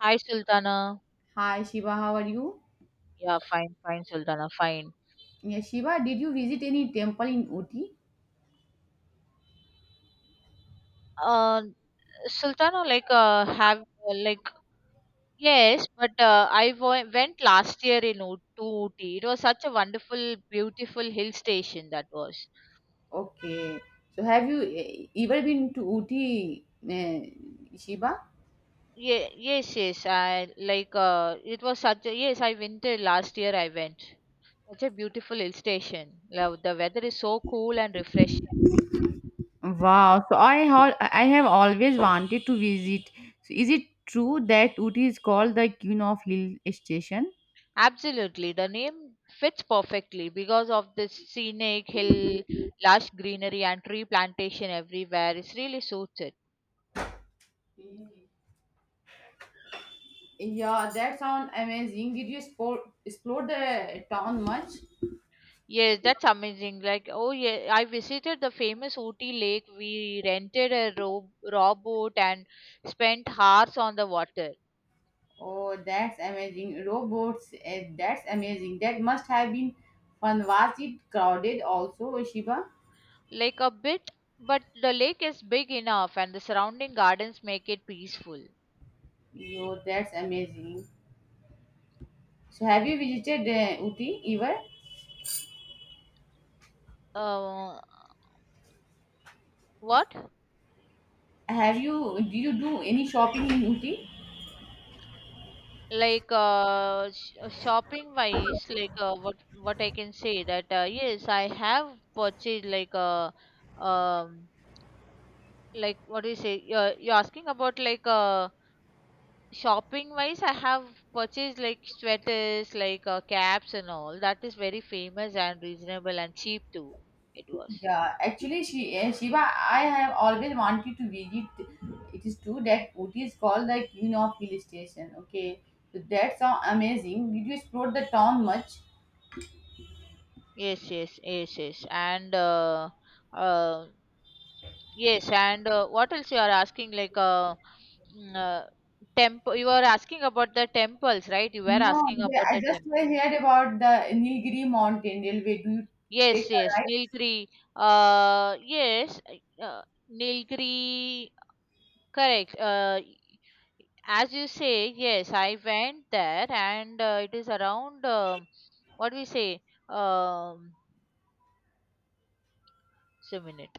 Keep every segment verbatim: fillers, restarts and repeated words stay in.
Hi, Sultana. Hi Shiva, how are you? Yeah, fine, fine, Sultana, fine. Yeah, Shiva, did you visit any temple in Uti? Uh, Sultana, like, uh, have like, yes, but uh, I wo- went last year in Oot- to Ooty. It was such a wonderful, beautiful hill station that was. Okay. So have you eh, ever been to Uti, eh, Shiva? Yeah, yes, yes. I like. Uh, it was such a yes. I winter last year. I went. Such a beautiful hill station. Love the weather is so cool and refreshing. Wow, so I hal- I have always wanted to visit. So is it true that Uti is called the Queen of Hill Station? Absolutely, the name fits perfectly because of this scenic hill, lush greenery, and tree plantation everywhere. It really suits it. Yeah, that sounds amazing. Did you explore, explore the town much? Yes, that's amazing. Like, oh yeah, I visited the famous Ooty Lake. We rented a row, rowboat and spent hours on the water. Oh, that's amazing. Robots, eh, that's amazing. That must have been fun. Was it crowded also, Shiva? Like a bit, but the lake is big enough, and the surrounding gardens make it peaceful. Oh, that's amazing. So, have you visited uh, Uti ever? Uh, what? Have you, do you do any shopping in Uti? Like uh, sh- uh, shopping wise, like uh, what what I can say that uh, yes, I have purchased like uh, um like what do you say, you're, you're asking about, like uh, shopping wise I have purchased like sweaters, like uh, caps and all that is very famous and reasonable and cheap too, it was. Yeah, actually, she, uh, Shiva, I have always wanted to visit. It is true that Uti is called the Queen of Hill Station. Okay, so that's so amazing. Did you explore the town much? Yes, yes, yes, yes. And uh, um yes, and uh, what else you are asking? Like, uh, mm, uh, temple. You are asking about the temples, right? You were No, asking yeah, about I the just temples. heard about the Nilgiri mountain railway. Do you take Yes, a yes, ride? Nilgiri. Uh, yes, uh, Nilgiri. Correct. Uh, as you say, yes, I went there, and uh, it is around. Um what we say? Um, just a minute.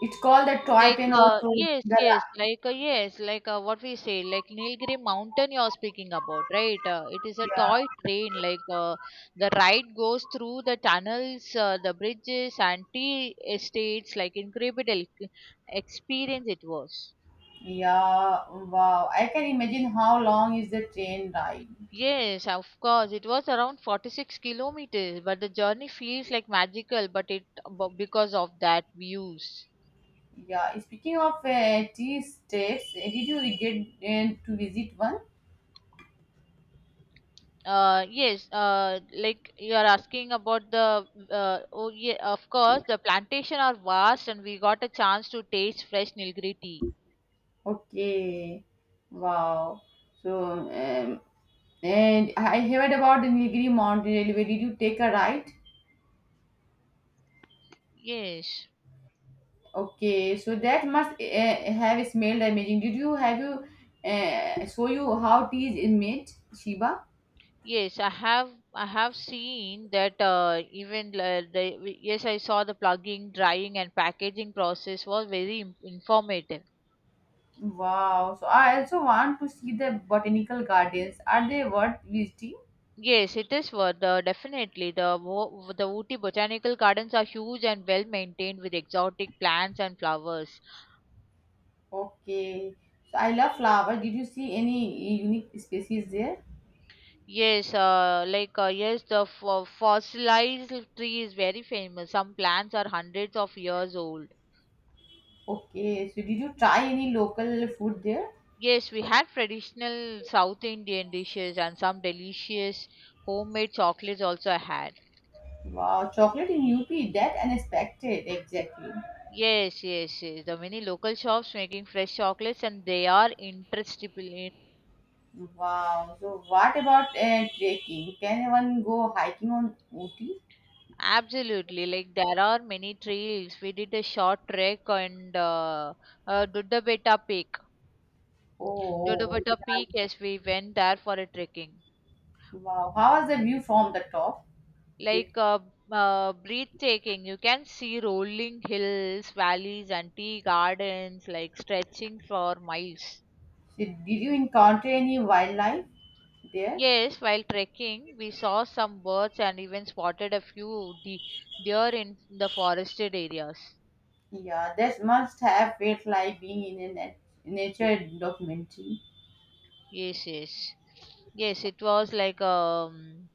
It's called the toy Like train uh, also. yes, The, yes, like uh, yes, like uh, what we say, like Nilgiri Mountain you're speaking about, right? Uh, it is a yeah, toy train. Like uh, the ride goes through the tunnels, uh, the bridges, and tea estates. Like incredible c- experience it was. yeah, wow. I can imagine how long is the train ride. Yes, of course, it was around forty-six kilometers, but the journey feels like magical. But it b- because of that views. Yeah, speaking of uh, tea states, uh, did you get uh, to visit one? Uh, yes, uh, like you are asking about the uh, oh yeah, of course the plantation are vast and we got a chance to taste fresh Nilgiri tea. Okay, wow. So, um, and I heard about the Nilgiri mountain railway. Did you take a ride? Yes, Okay, so that must uh, have smelled amazing. Did you have you uh, show you how tea is made, Shiba? yes, I have I have seen that uh, even uh, the we- yes, I saw the plugging, drying and packaging process was very im- informative. Wow. So I also want to see the botanical gardens. Are they worth visiting? Yes, it is worth uh, definitely the wo- the Ooty botanical gardens are huge and well maintained with exotic plants and flowers. Okay. So I love flowers. Did you see any unique species there? Yes, uh, like uh, yes, the f- uh, fossilized tree is very famous. Some plants are hundreds of years old. Okay. So did you try any local food there? Yes, we had traditional South Indian dishes and some delicious homemade chocolates also I had. Wow. Chocolate in U P. That unexpected. Exactly. Yes, yes, yes. The many local shops making fresh chocolates and they are interesting. Wow. So what about uh, trekking? Can one go hiking on Ooty? Absolutely, like there are many trails. We did a short trek and uh, uh, Dudabeta Peak. Oh, Dudabeta right. Peak, yes, we went there for a trekking. Wow. How was the view from the top? Like Did, uh, uh, breathtaking. You can see rolling hills, valleys, and tea gardens, like stretching for miles. did, did you encounter any wildlife there? Yes, while trekking, we saw some birds and even spotted a few de- deer in the forested areas. Yeah, that must have felt like being in a nat- nature documentary. Yes, yes, yes. It was like um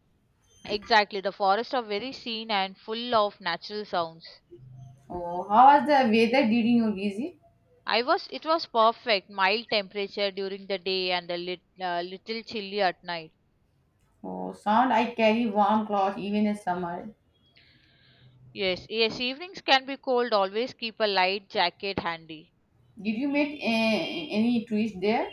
exactly, the forests are very scene and full of natural sounds. Oh, how was the weather during your visit? I was, it was perfect, mild temperature during the day and a lit, uh, little chilly at night. Oh, sound I carry warm clothes even in summer. Yes, yes, evenings can be cold. Always keep a light jacket handy. Did you meet eh, any tourists there?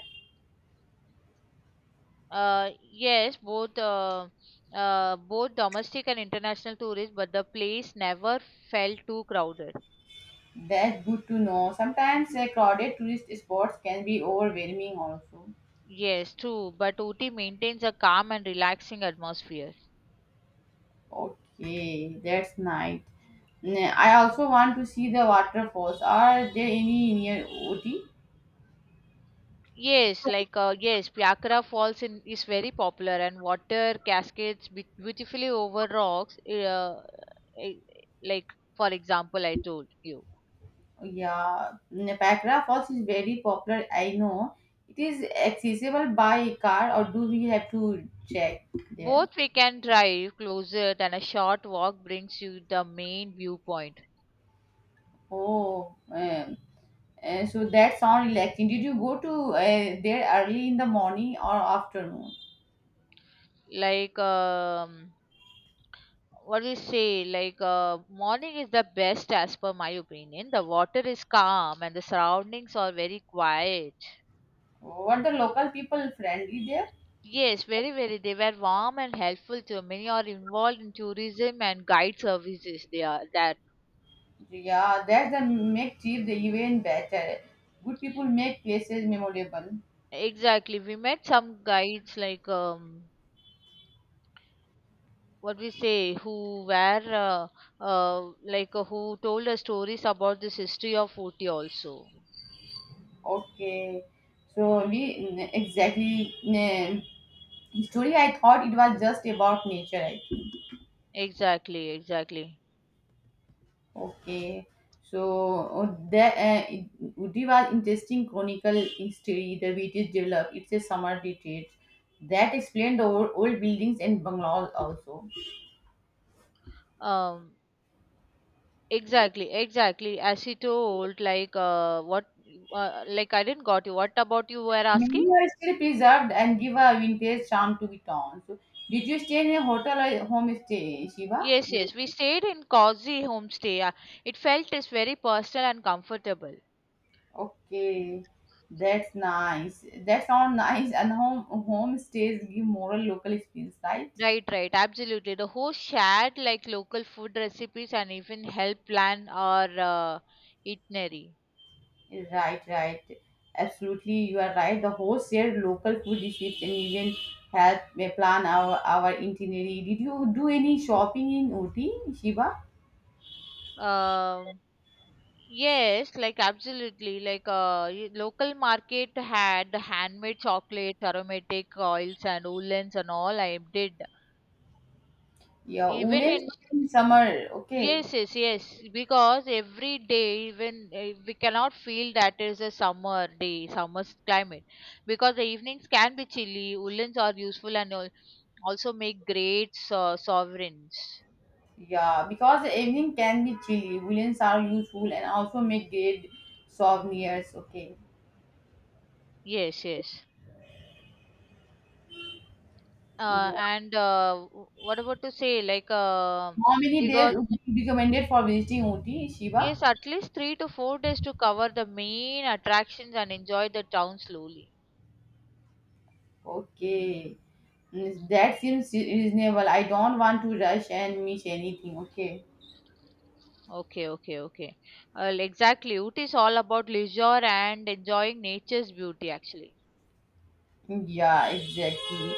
Uh, yes, both uh, uh, both domestic and international tourists, but the place never felt too crowded. That's good to know. Sometimes eh, crowded tourist spots can be overwhelming also. Yes, true. But Ooty maintains a calm and relaxing atmosphere. Okay, that's nice. Mm, I also want to see the waterfalls. Are there any near Ooty? Yes, like uh, yes, Pyakara Falls in, is very popular, and water cascades be- beautifully over rocks. Uh, eh, like for example, I told you. Yeah, mm, Pakra Falls is very popular. I know. It is accessible by car, or do we have to check there? Both, we can drive, closer than a short walk brings you the main viewpoint. Oh, um, uh, so that sounds relaxing. Did you go to uh, there early in the morning or afternoon? Like um, what do you say? Like uh, morning is the best as per my opinion. The water is calm and the surroundings are very quiet. Were the local people friendly there? Yes, very very. They were warm and helpful to many are involved in tourism and guide services. They are that Yeah, that's the make trip the even better. Good people make places memorable. exactly. We met some guides like um what we say, who were uh, uh, like uh, who told us stories about this history of Ooty also. Okay, so we n- exactly n- story. I thought it was just about nature. I think. Exactly, exactly. Okay, so that the uh, Udi was interesting chronicle history. The British developed. It's a summer retreat that explained the old, old buildings and bungalows also. um exactly, exactly, as he told, like uh, what uh, like I didn't got you, what about you were asking. Many are still preserved and give a vintage charm to the town. So, did you stay in a hotel or home stay, Shiva? Yes, Mm, yes, we stayed in cozy homestay. Uh, it felt is very personal and comfortable. Okay, that's nice. That sounds nice. And home home stays give moral local experience, right? Right, right, absolutely. The host shared like local food recipes and even help plan our uh, itinerary. Right, right. Absolutely, you are right. The host shared local food receipts and even helped me plan our our itinerary. Did you do any shopping in Ooty, Shiva? Um, yes, like absolutely. Like uh, y- local market had handmade chocolate, aromatic oils, and woolens and all. I did Yeah, even Woolens in in summer. Okay. yes, yes, yes. Because every day, even uh, we cannot feel that is a summer day, summer climate. Because the evenings can be chilly. Woolens are useful and al- also make great so- sovereigns. Yeah, because the evening can be chilly, woolens are useful and also make great souvenirs. Okay. Yes, yes. Yeah. Uh, and uh, w- what about to say, like uh, How many days because, would you recommended for visiting Uti, Shiva? yes, at least three to four days to cover the main attractions and enjoy the town slowly. Okay. Mm, that seems reasonable. I don't want to rush and miss anything. Okay. Okay, okay, okay. Well, exactly. Ooty is all about leisure and enjoying nature's beauty, actually. Yeah, exactly.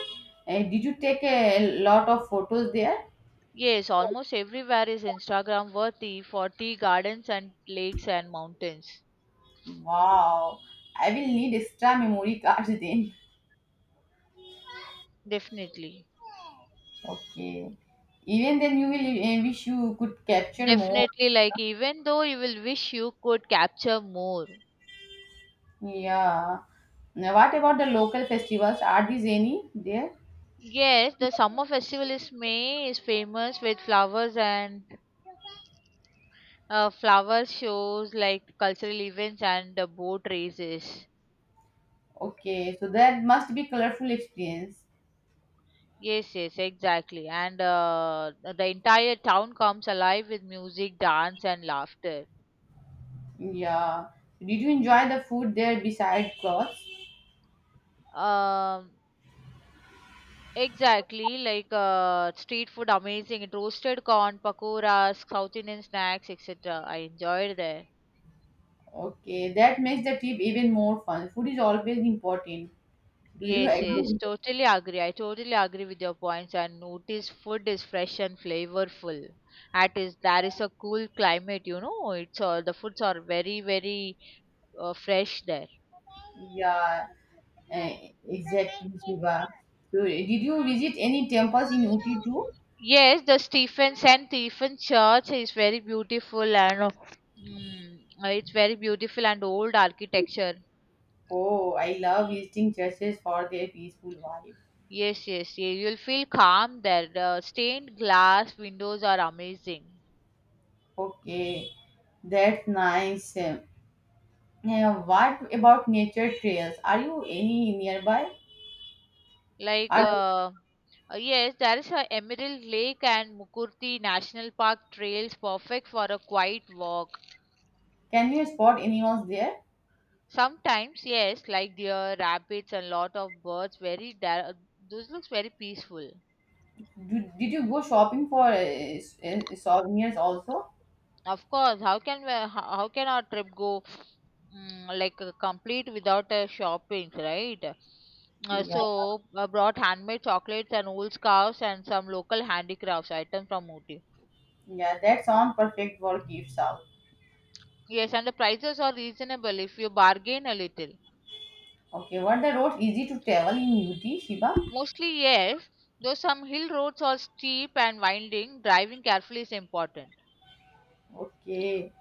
Uh, did you take a lot of photos there? Yes, almost everywhere is Instagram worthy for tea gardens and lakes and mountains. Wow. I will need extra memory cards then. Definitely. Okay. Even then, you will uh, wish you could capture more. Definitely, like, even though you will wish you could capture more. Yeah. Now, what about the local festivals? Are these any there? Yes, the summer festival is May, is famous with flowers and Uh, flower shows, like cultural events and uh, boat races. Okay, so that must be colorful experience. Yes, yes, exactly. And uh, the entire town comes alive with music, dance, and laughter. Yeah. Did you enjoy the food there beside clothes? Um, exactly, like uh, street food, amazing. Roasted corn, pakoras, South Indian snacks, et cetera. I enjoyed there. Okay, that makes the trip even more fun. Food is always important. Do you Yes, yes, agree? totally agree. I totally agree with your points. And notice food is fresh and flavorful. At is there is a cool climate, you know. It's uh, the foods are very very uh, fresh there. Yeah, eh, exactly, Shiva. So, did you visit any temples in Uti too? Yes, the Stephen Saint Stephen Church is very beautiful and uh, mm, uh, it's very beautiful and old architecture. Oh, I love visiting churches for their peaceful vibe. Yes, yes, yeah, you'll feel calm there. The stained glass windows are amazing. Okay, that's nice. Yeah, what about nature trails? Are you any nearby? Like, Are, uh, uh, yes, there is a Emerald Lake and Mukurti National Park trails perfect for a quiet walk. can you spot animals there? Sometimes, yes, like deer, rabbits, and lot of birds. Very there, those looks very peaceful. Do, did you go shopping for uh, s- uh, souvenirs also? Of course, how can we, how, how can our trip go mm, like uh, complete without uh, shopping, right? Uh, Yeah, So I brought handmade chocolates and old scarves and some local handicrafts items from Ooty. yeah, that sounds perfect for gifts out. Yes, and the prices are reasonable if you bargain a little. Okay, were the roads easy to travel in U T, Shiva? Mostly, yes, though some hill roads are steep and winding, driving carefully is important. Okay.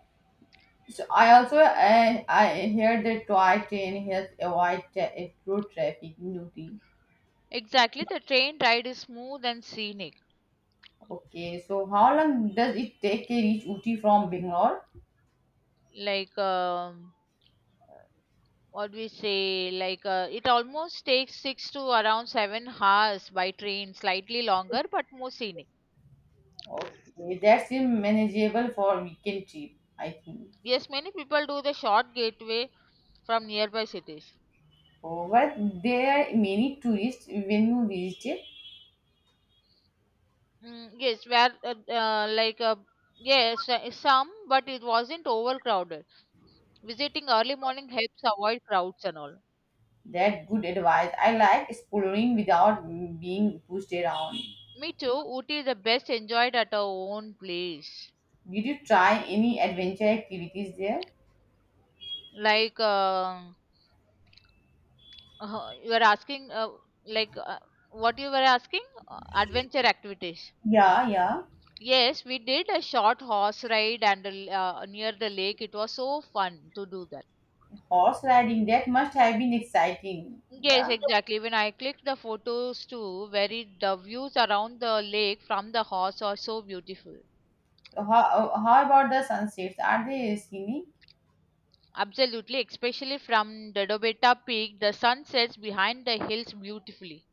So I also I I heard that toy train helps avoid tra- uh, road traffic in U T. Exactly, the train ride is smooth and scenic. Okay, so how long does it take to reach U T from Bangalore? Like, um, what we say, like, uh, it almost takes six to around seven hours by train, slightly longer but more scenic. Okay, that's a manageable for weekend trip, I think. Yes, many people do the short gateway from nearby cities. Oh, but there are many tourists when you visit. It. Mm, yes, where uh, uh, like uh, yes, uh, some, but it wasn't overcrowded. Visiting early morning helps avoid crowds and all. That good advice. I like exploring without being pushed around. Me too. Ooty is the best enjoyed at our own place. Did you try any adventure activities there? Like uh, uh, you were asking, uh, like uh, what you were asking, uh, adventure activities. Yeah, yeah. Yes, we did a short horse ride and a l- uh, near the lake. It was so fun to do that. Horse riding, that must have been exciting. Yes, Yeah. exactly. When I clicked the photos too, very the views around the lake from the horse are so beautiful. So how, how about the sunsets? Are they scenic? Absolutely, especially from the Dobeta Peak, the sun sets behind the hills beautifully.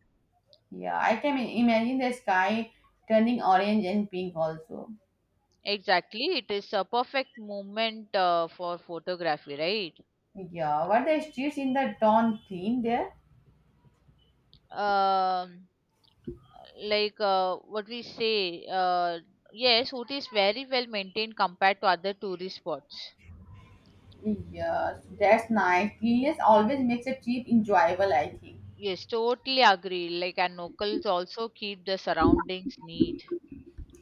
Yeah, I can imagine the sky turning orange and pink also. Exactly, it is a perfect moment uh, for photography, right? Yeah, were the streets in the town clean there? Um, like uh, what we say, uh, yes, Ooty is very well maintained compared to other tourist spots. Yes, that's nice. Cleanliness always makes a trip enjoyable, I think. Yes, totally agree. Like, and locals also keep the surroundings neat.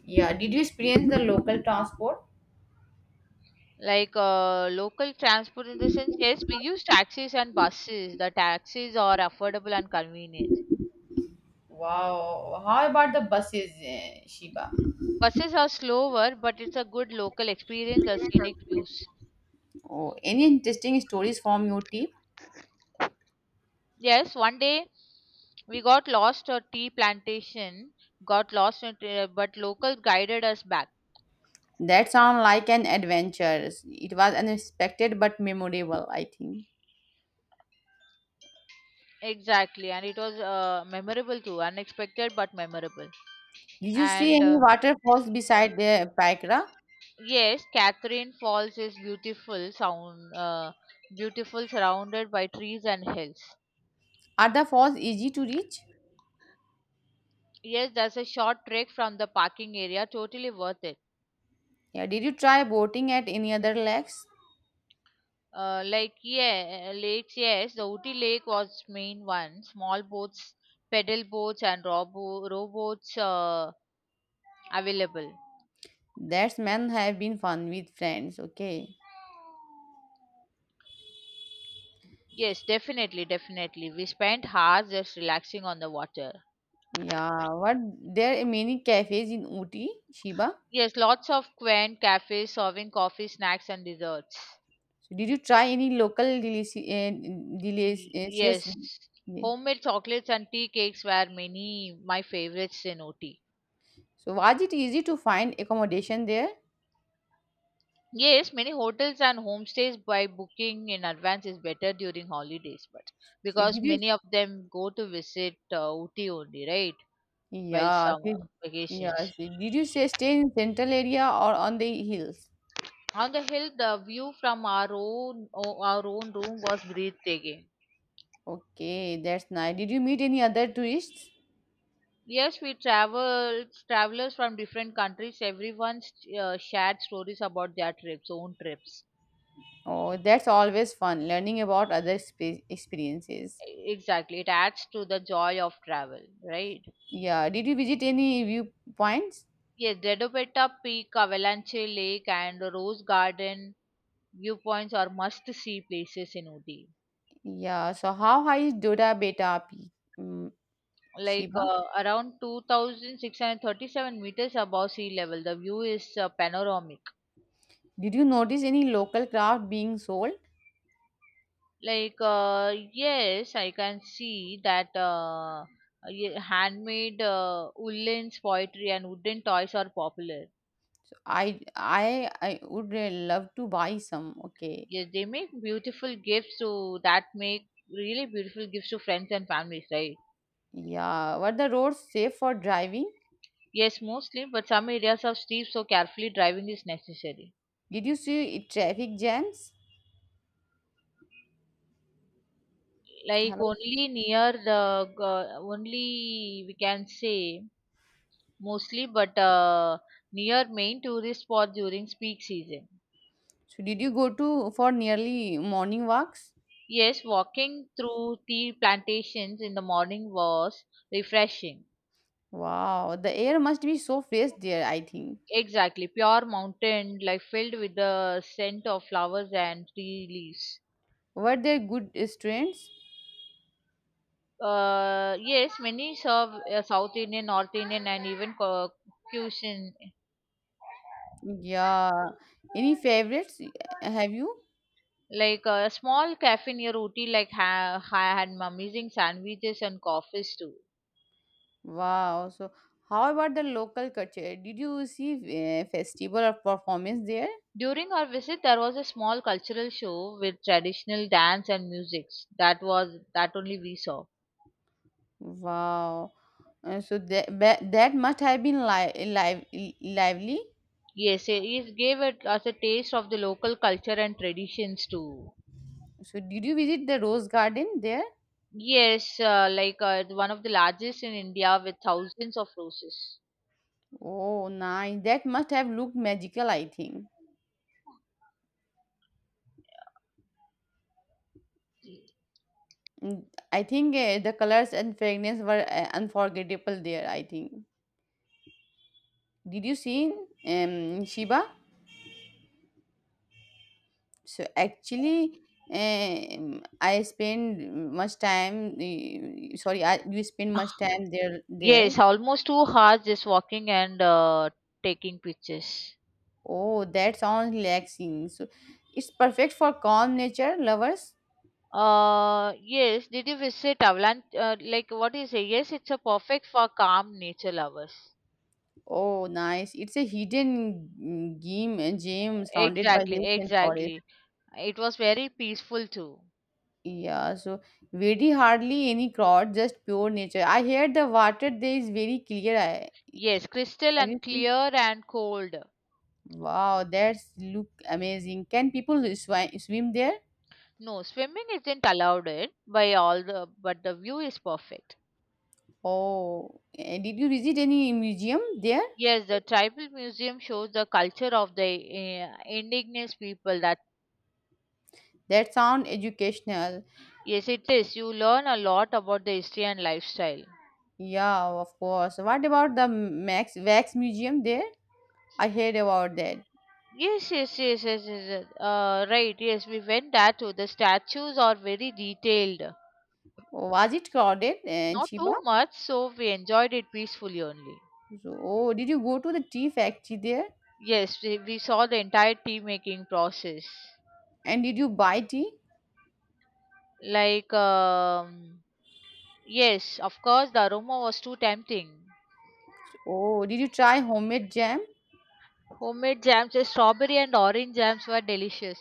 Yeah, did you experience the local transport? Like, uh, local transport in the sense, yes, we use taxis and buses. The taxis are affordable and convenient. Wow, how about the buses, eh, Shiba? Buses are slower, but it's a good local experience, the scenic views. Oh, any interesting stories from your trip? Yes, one day we got lost at tea plantation, got lost, at, uh, but locals guided us back. That sounds like an adventure. It was unexpected but memorable, I think. Exactly, and it was uh, memorable too, unexpected but memorable. Did you see And any uh, waterfalls beside the Paikra? Yes, Catherine Falls is beautiful sound uh, beautiful, surrounded by trees and hills. Are the falls easy to reach? Yes, that's a short trek from the parking area, totally worth it. Yeah, did you try boating at any other lakes? Uh, like yeah, uh, lakes, yes, the Uti Lake was main one. Small boats, pedal boats and robo rowboats uh, available. That's men have been fun with friends. Okay. Yes, definitely, definitely. We spent hours just relaxing on the water. Yeah. What there are many cafes in Uti, Shiba. Yes, lots of quaint cafes serving coffee, snacks and desserts. So did you try any local delici- uh, Y- delicious? Yes, Yeah. homemade chocolates and tea cakes were many my favorites in O T. So was it easy to find accommodation there? Yes, many hotels and homestays by booking in advance is better during holidays, but So did because you? many of them go to visit uh, O T only, right? While Yeah. summer so- Yeah. vacations. So did you say stay in central area or on the hills? On the hill, the view from our own o- our own room was breathtaking. Okay, that's nice. Did you meet any other tourists? Yes, we traveled travelers from different countries. Everyone uh, shared stories about their trips, own trips. Oh, that's always fun learning about other spe- experiences. Exactly, it adds to the joy of travel, right? Yeah. Did you visit any viewpoints? Yes, Dedopeta Peak, Avalanche Lake, and Rose Garden viewpoints are must-see places in Uti. Yeah. So how high is Doda Beta Peak, mm, Like Shiva? uh, around two thousand six hundred thirty-seven meters above sea level, the view is uh, panoramic. Did you notice any local craft being sold? Like uh, yes, I can see that uh, y- handmade uh, woolens, poetry, and wooden toys are popular. I I I would uh, love to buy some. Okay. Yes, they make beautiful gifts to that make really beautiful gifts to friends and families, right? Yeah. Were the roads safe for driving? Yes, mostly, but some areas are steep, so carefully driving is necessary. Did you see traffic jams? Like Hello. only near the go- only we can say mostly, but uh, near main tourist spot during peak season. So did you go to for nearly morning walks? Yes, walking through tea plantations in the morning was refreshing. Wow. The air must be so fresh there, I think. Exactly, pure mountain, like filled with the scent of flowers and tea leaves. Were there good uh, strains? Uh, yes, many serve uh, South Indian, North Indian, and even cu- cuisine. Yeah. Any favorites y- have you? Like a small cafe near Ooty, like ha- ha- had amazing sandwiches and coffees too. Wow. So how about the local culture? Did you see uh, festival or performance there? During our visit, there was a small cultural show with traditional dance and music. That was that only we saw. Wow. Uh, so that ba- that must have been li- live lively. Yes, it it gave it us a taste of the local culture and traditions too. So did you visit the rose garden there? Yes, uh, like uh, one of the largest in India with thousands of roses. Oh, nice. That must have looked magical, I think. Mm, I think uh, the colors and fragrance were uh, unforgettable there, I think. Did you see um Shiba? So actually, um, I spend much time. eh, Sorry, I you spend much time there. There. Yes, almost two hours just walking and uh, taking pictures. Oh, that sounds relaxing. So it's perfect for calm nature lovers. Uh, yes, did you visit Avalanche? Uh, like, what do you say? Yes, it's a perfect for calm nature lovers. Oh, nice! It's a hidden mm, game, eh, gem surrounded by Exactly, hills and forest. exactly. It was very peaceful too. Yeah. So very hardly any crowd, just pure nature. I hear the water there is very clear. I Yes, crystal have you and seen? clear and cold. Wow, that's look amazing. Can people swi swim there? No, swimming isn't allowed it by all the, but the view is perfect. Oh, eh, did you visit any museum there? Yes, the tribal museum shows the culture of the uh, indigenous people. That That sound educational. yes, it is. You learn a lot about the history and lifestyle. Yeah, of course. What about the Max Wax Museum there? I heard about that. Yes, yes, yes, yes, yes, yes. Uh, right. Yes, we went there too. The statues are very detailed. Was it crowded and Not cheaper? too much, so we enjoyed it peacefully only. So, oh, did you go to the tea factory there? Yes, we, we saw the entire tea making process. And did you buy tea? Like, um, yes, of course, the aroma was too tempting. So, oh, did you try homemade jam? Homemade jams, uh, strawberry and orange jams were delicious.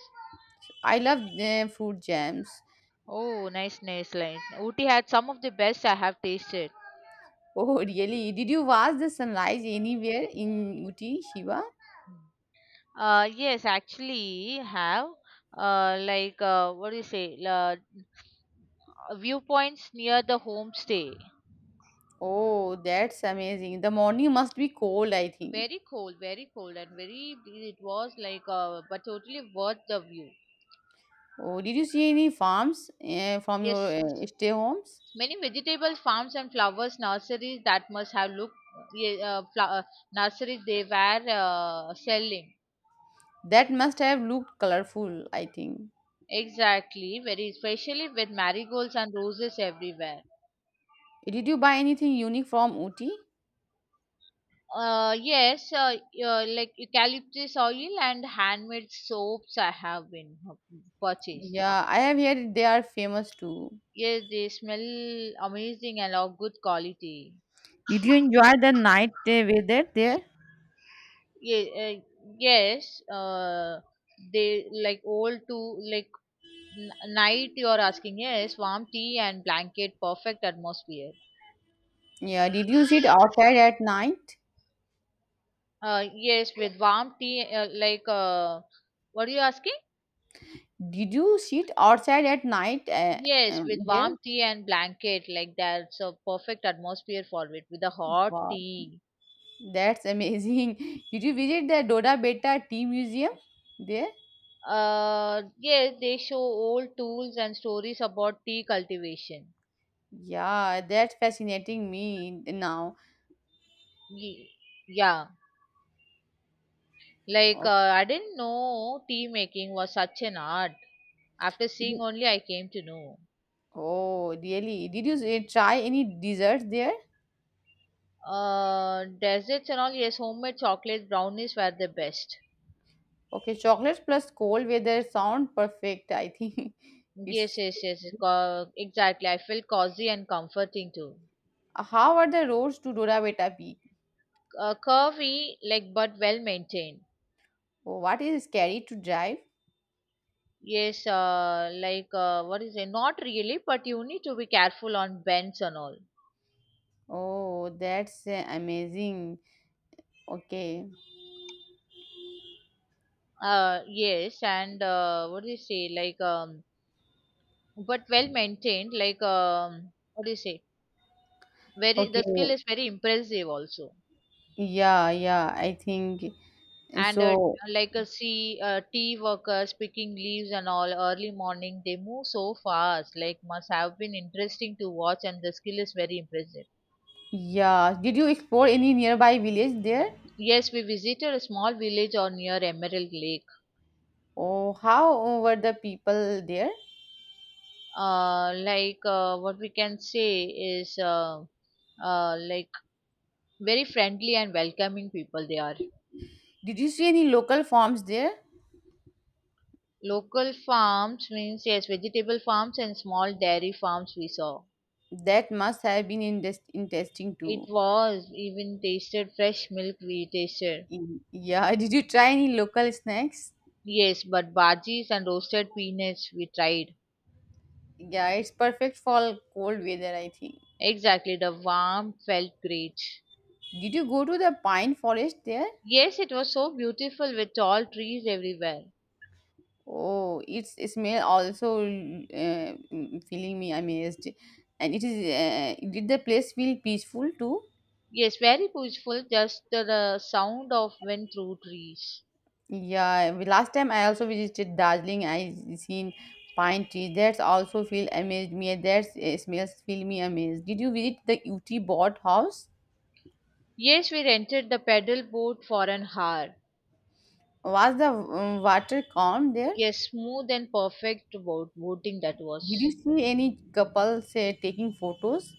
I love eh, fruit jams. Oh, nice, nice line. Ooty had some of the best I have tasted. Oh, really? Did you watch the sunrise anywhere in Uti, Shiva? Uh, yes, actually have. Uh, like uh, what do you say? Uh, viewpoints near the homestay. Oh, that's amazing. The morning must be cold, I think. Very cold, very cold, and very it was like uh, but totally worth the view. Oh, did you see any farms uh, from Yes, your uh, stay homes? many vegetable farms and flowers nurseries that must have looked ye- uh, fla- uh, nurseries they were uh, selling. That must have looked colorful, I think. Exactly, very especially with marigolds and roses everywhere. Did you buy anything unique from Uti? Uh, yes, uh, uh, like eucalyptus oil and handmade soaps I have been uh, purchased. Yeah, I have heard they are famous too. Yes, they smell amazing and of good quality. Did you enjoy the night uh, weather there? Yeah, uh, yes, uh, they like old to like N- night you're asking, yes, warm tea and blanket, perfect atmosphere. Yeah, did you sit outside at night? Uh, yes, with warm tea, uh, like uh, what are you asking? Did you sit outside at night uh, Yes, um, with there? warm tea and blanket, like that's a perfect atmosphere for it with a hot Wow, tea. that's amazing. Did you visit the Doda Beta Tea Museum there? Uh, yes, they show old tools and stories about tea cultivation. Yeah, that's fascinating me now. Ye- yeah, like uh, Oh, I didn't know tea making was such an art. After seeing only I came to know. oh, really? Did you s- try any desserts there? Uh, desserts and all, yes, homemade chocolate brownies were the best. Okay, chocolates plus cold weather sound perfect, I think. Yes, It's yes, yes, co- exactly. I feel cozy and comforting too. how are the roads to Doraveta Peak? Uh, curvy, like, but well maintained. Oh, what is scary to drive? Yes, uh, like uh, what is it? Not really, but you need to be careful on bends and all. Oh, that's uh, amazing. Okay. Uh, yes, and uh, what do you say? Like, um, but well maintained. Like, um, what do you say? Very, Okay. the skill is very impressive also. Yeah, yeah, I think eh, and uh, so. like a sea uh, tea workers picking leaves and all early morning, they move so fast, like must have been interesting to watch, and the skill is very impressive. Yeah, did you explore any nearby village there? Yes, we visited a small village or near Emerald Lake. Oh, how were the people there? uh, like uh, what we can say is, uh, uh, like very friendly and welcoming people they are. Did you see any local farms there? Local farms means, yes, vegetable farms and small dairy farms we saw. That must have been interest- interesting It too. was, even tasted fresh milk we tasted. Mm, Yeah, did you try any local snacks? Yes, but bhajis and roasted peanuts we tried. Yeah, it's perfect for cold weather, I think. Exactly, the warmth felt great. Did you go to the pine forest there? Yes, it was so beautiful with tall trees everywhere. Oh, its smell also uh, mm, feeling me amazed. And it is, uh, did the place feel peaceful too? Yes, very peaceful, just the, the sound of wind through trees. Yeah, we- last time I also visited Darjeeling, I seen pine trees. That's also feel amazed me. That uh, smells feel me amazed. Did you visit the Uti Bot house? Yes, we rented the pedal boat for an hour. Was the um, water calm there? Yes, smooth and perfect boat boating that Did you was. see any couples uh, taking photos?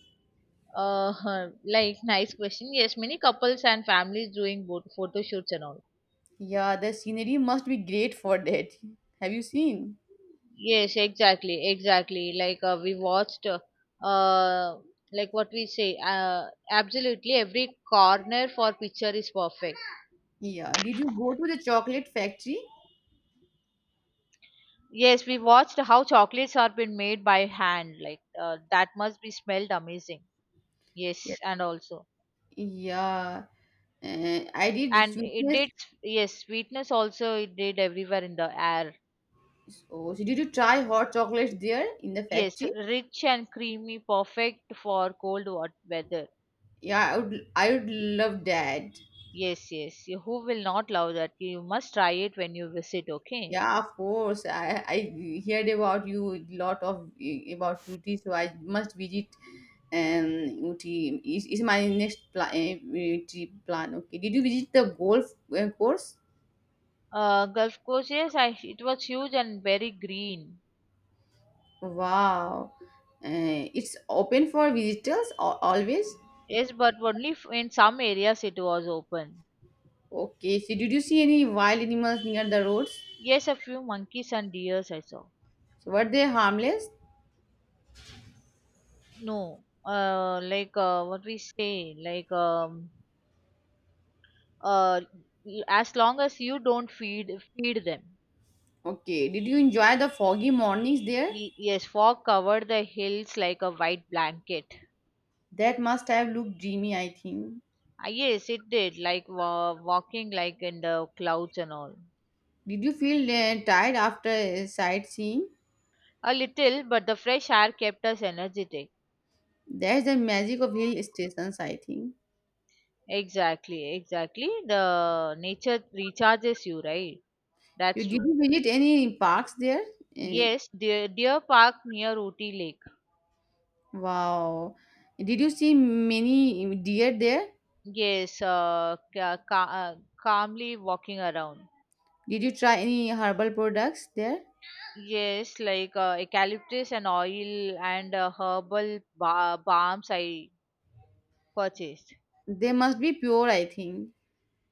Uh, like, nice question. Yes, many couples and families doing boat photo shoots and all. Yeah, the scenery must be great for that. Have you seen? Yes, exactly, exactly. Like uh, we watched, uh, uh, like what we say, uh, absolutely every corner for picture is perfect. Yeah. Did you go to the chocolate factory? Yes, we watched how chocolates are been made by hand. Like uh, that must be smelled amazing. Yes, Yes. and also, Yeah. Uh, I did. It's and it witness. did. Yes, sweetness also it did everywhere in the air. Oh, so did you try hot chocolate there in the Yes, factory? rich and creamy, perfect for cold wat- weather. Yeah, I would. I would love that. Yes, yes. You- Who will not love that? You must try it when you visit. Okay. Yeah, of course. I I heard about you lot of about Uti, so I must visit um Uti. Is is my next plan trip plan? Okay. Did you visit the golf uh, course? Uh, Gulf Coast, yes, I, it was huge and very green. Wow. Uh, it's open for visitors al- always. Yes, but only f- in some areas it was open. Okay. So did you see any wild animals near the roads? Yes, a few monkeys and deers I saw. So were they harmless? No, uh, like uh, what we say, like, um, uh, y- as long as you don't feed feed them. Okay. Did you enjoy the foggy mornings there? Y- yes, fog covered the hills like a white blanket. That must have looked dreamy, I think. Ah, yes, it did, like wa- walking like in the clouds and all. Did you feel uh, tired after uh, sightseeing? A little, but the fresh air kept us energetic. That's the magic of hill stations, I think. Exactly, exactly. The nature recharges you, right? You That's did true. you visit any parks there? Eh, Yes, deer, deer park near Ooty Lake. wow. Did you see many eh, deer there? Yes, uh, ca- ca- uh, calmly walking around. Did you try any herbal products there? Yes, like uh, eucalyptus and oil, and uh, herbal ba- balms I purchased. They must be pure, I think.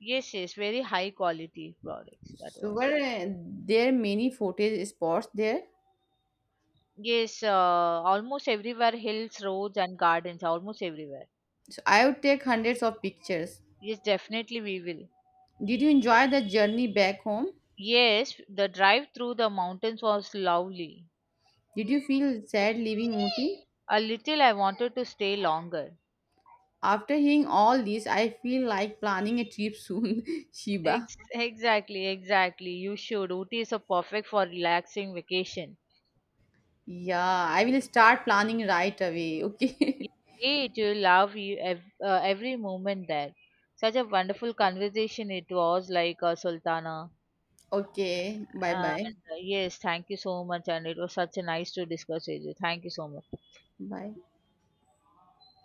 Yes, yes, very high quality products that So were was. uh, there many footage spots there? Yes, uh, almost everywhere, hills, roads, and gardens, almost everywhere. So I would take hundreds of pictures. Yes, definitely we will. Did you enjoy the journey back home? Yes, the drive through the mountains was lovely. Did you feel sad leaving Ooty? A little, I wanted to stay longer. After hearing all this, I feel like planning a trip soon, Shiba. Ex- exactly, exactly. You should. Ooty is a perfect for relaxing vacation. Yeah, I will start planning right away. You Okay. great. You love you ev- uh, every moment there. Such a wonderful conversation it was, like uh, Sultana. Okay. Bye And bye. uh, yes, thank you so much. And it was such a nice to discuss with you. Thank you so much. Bye.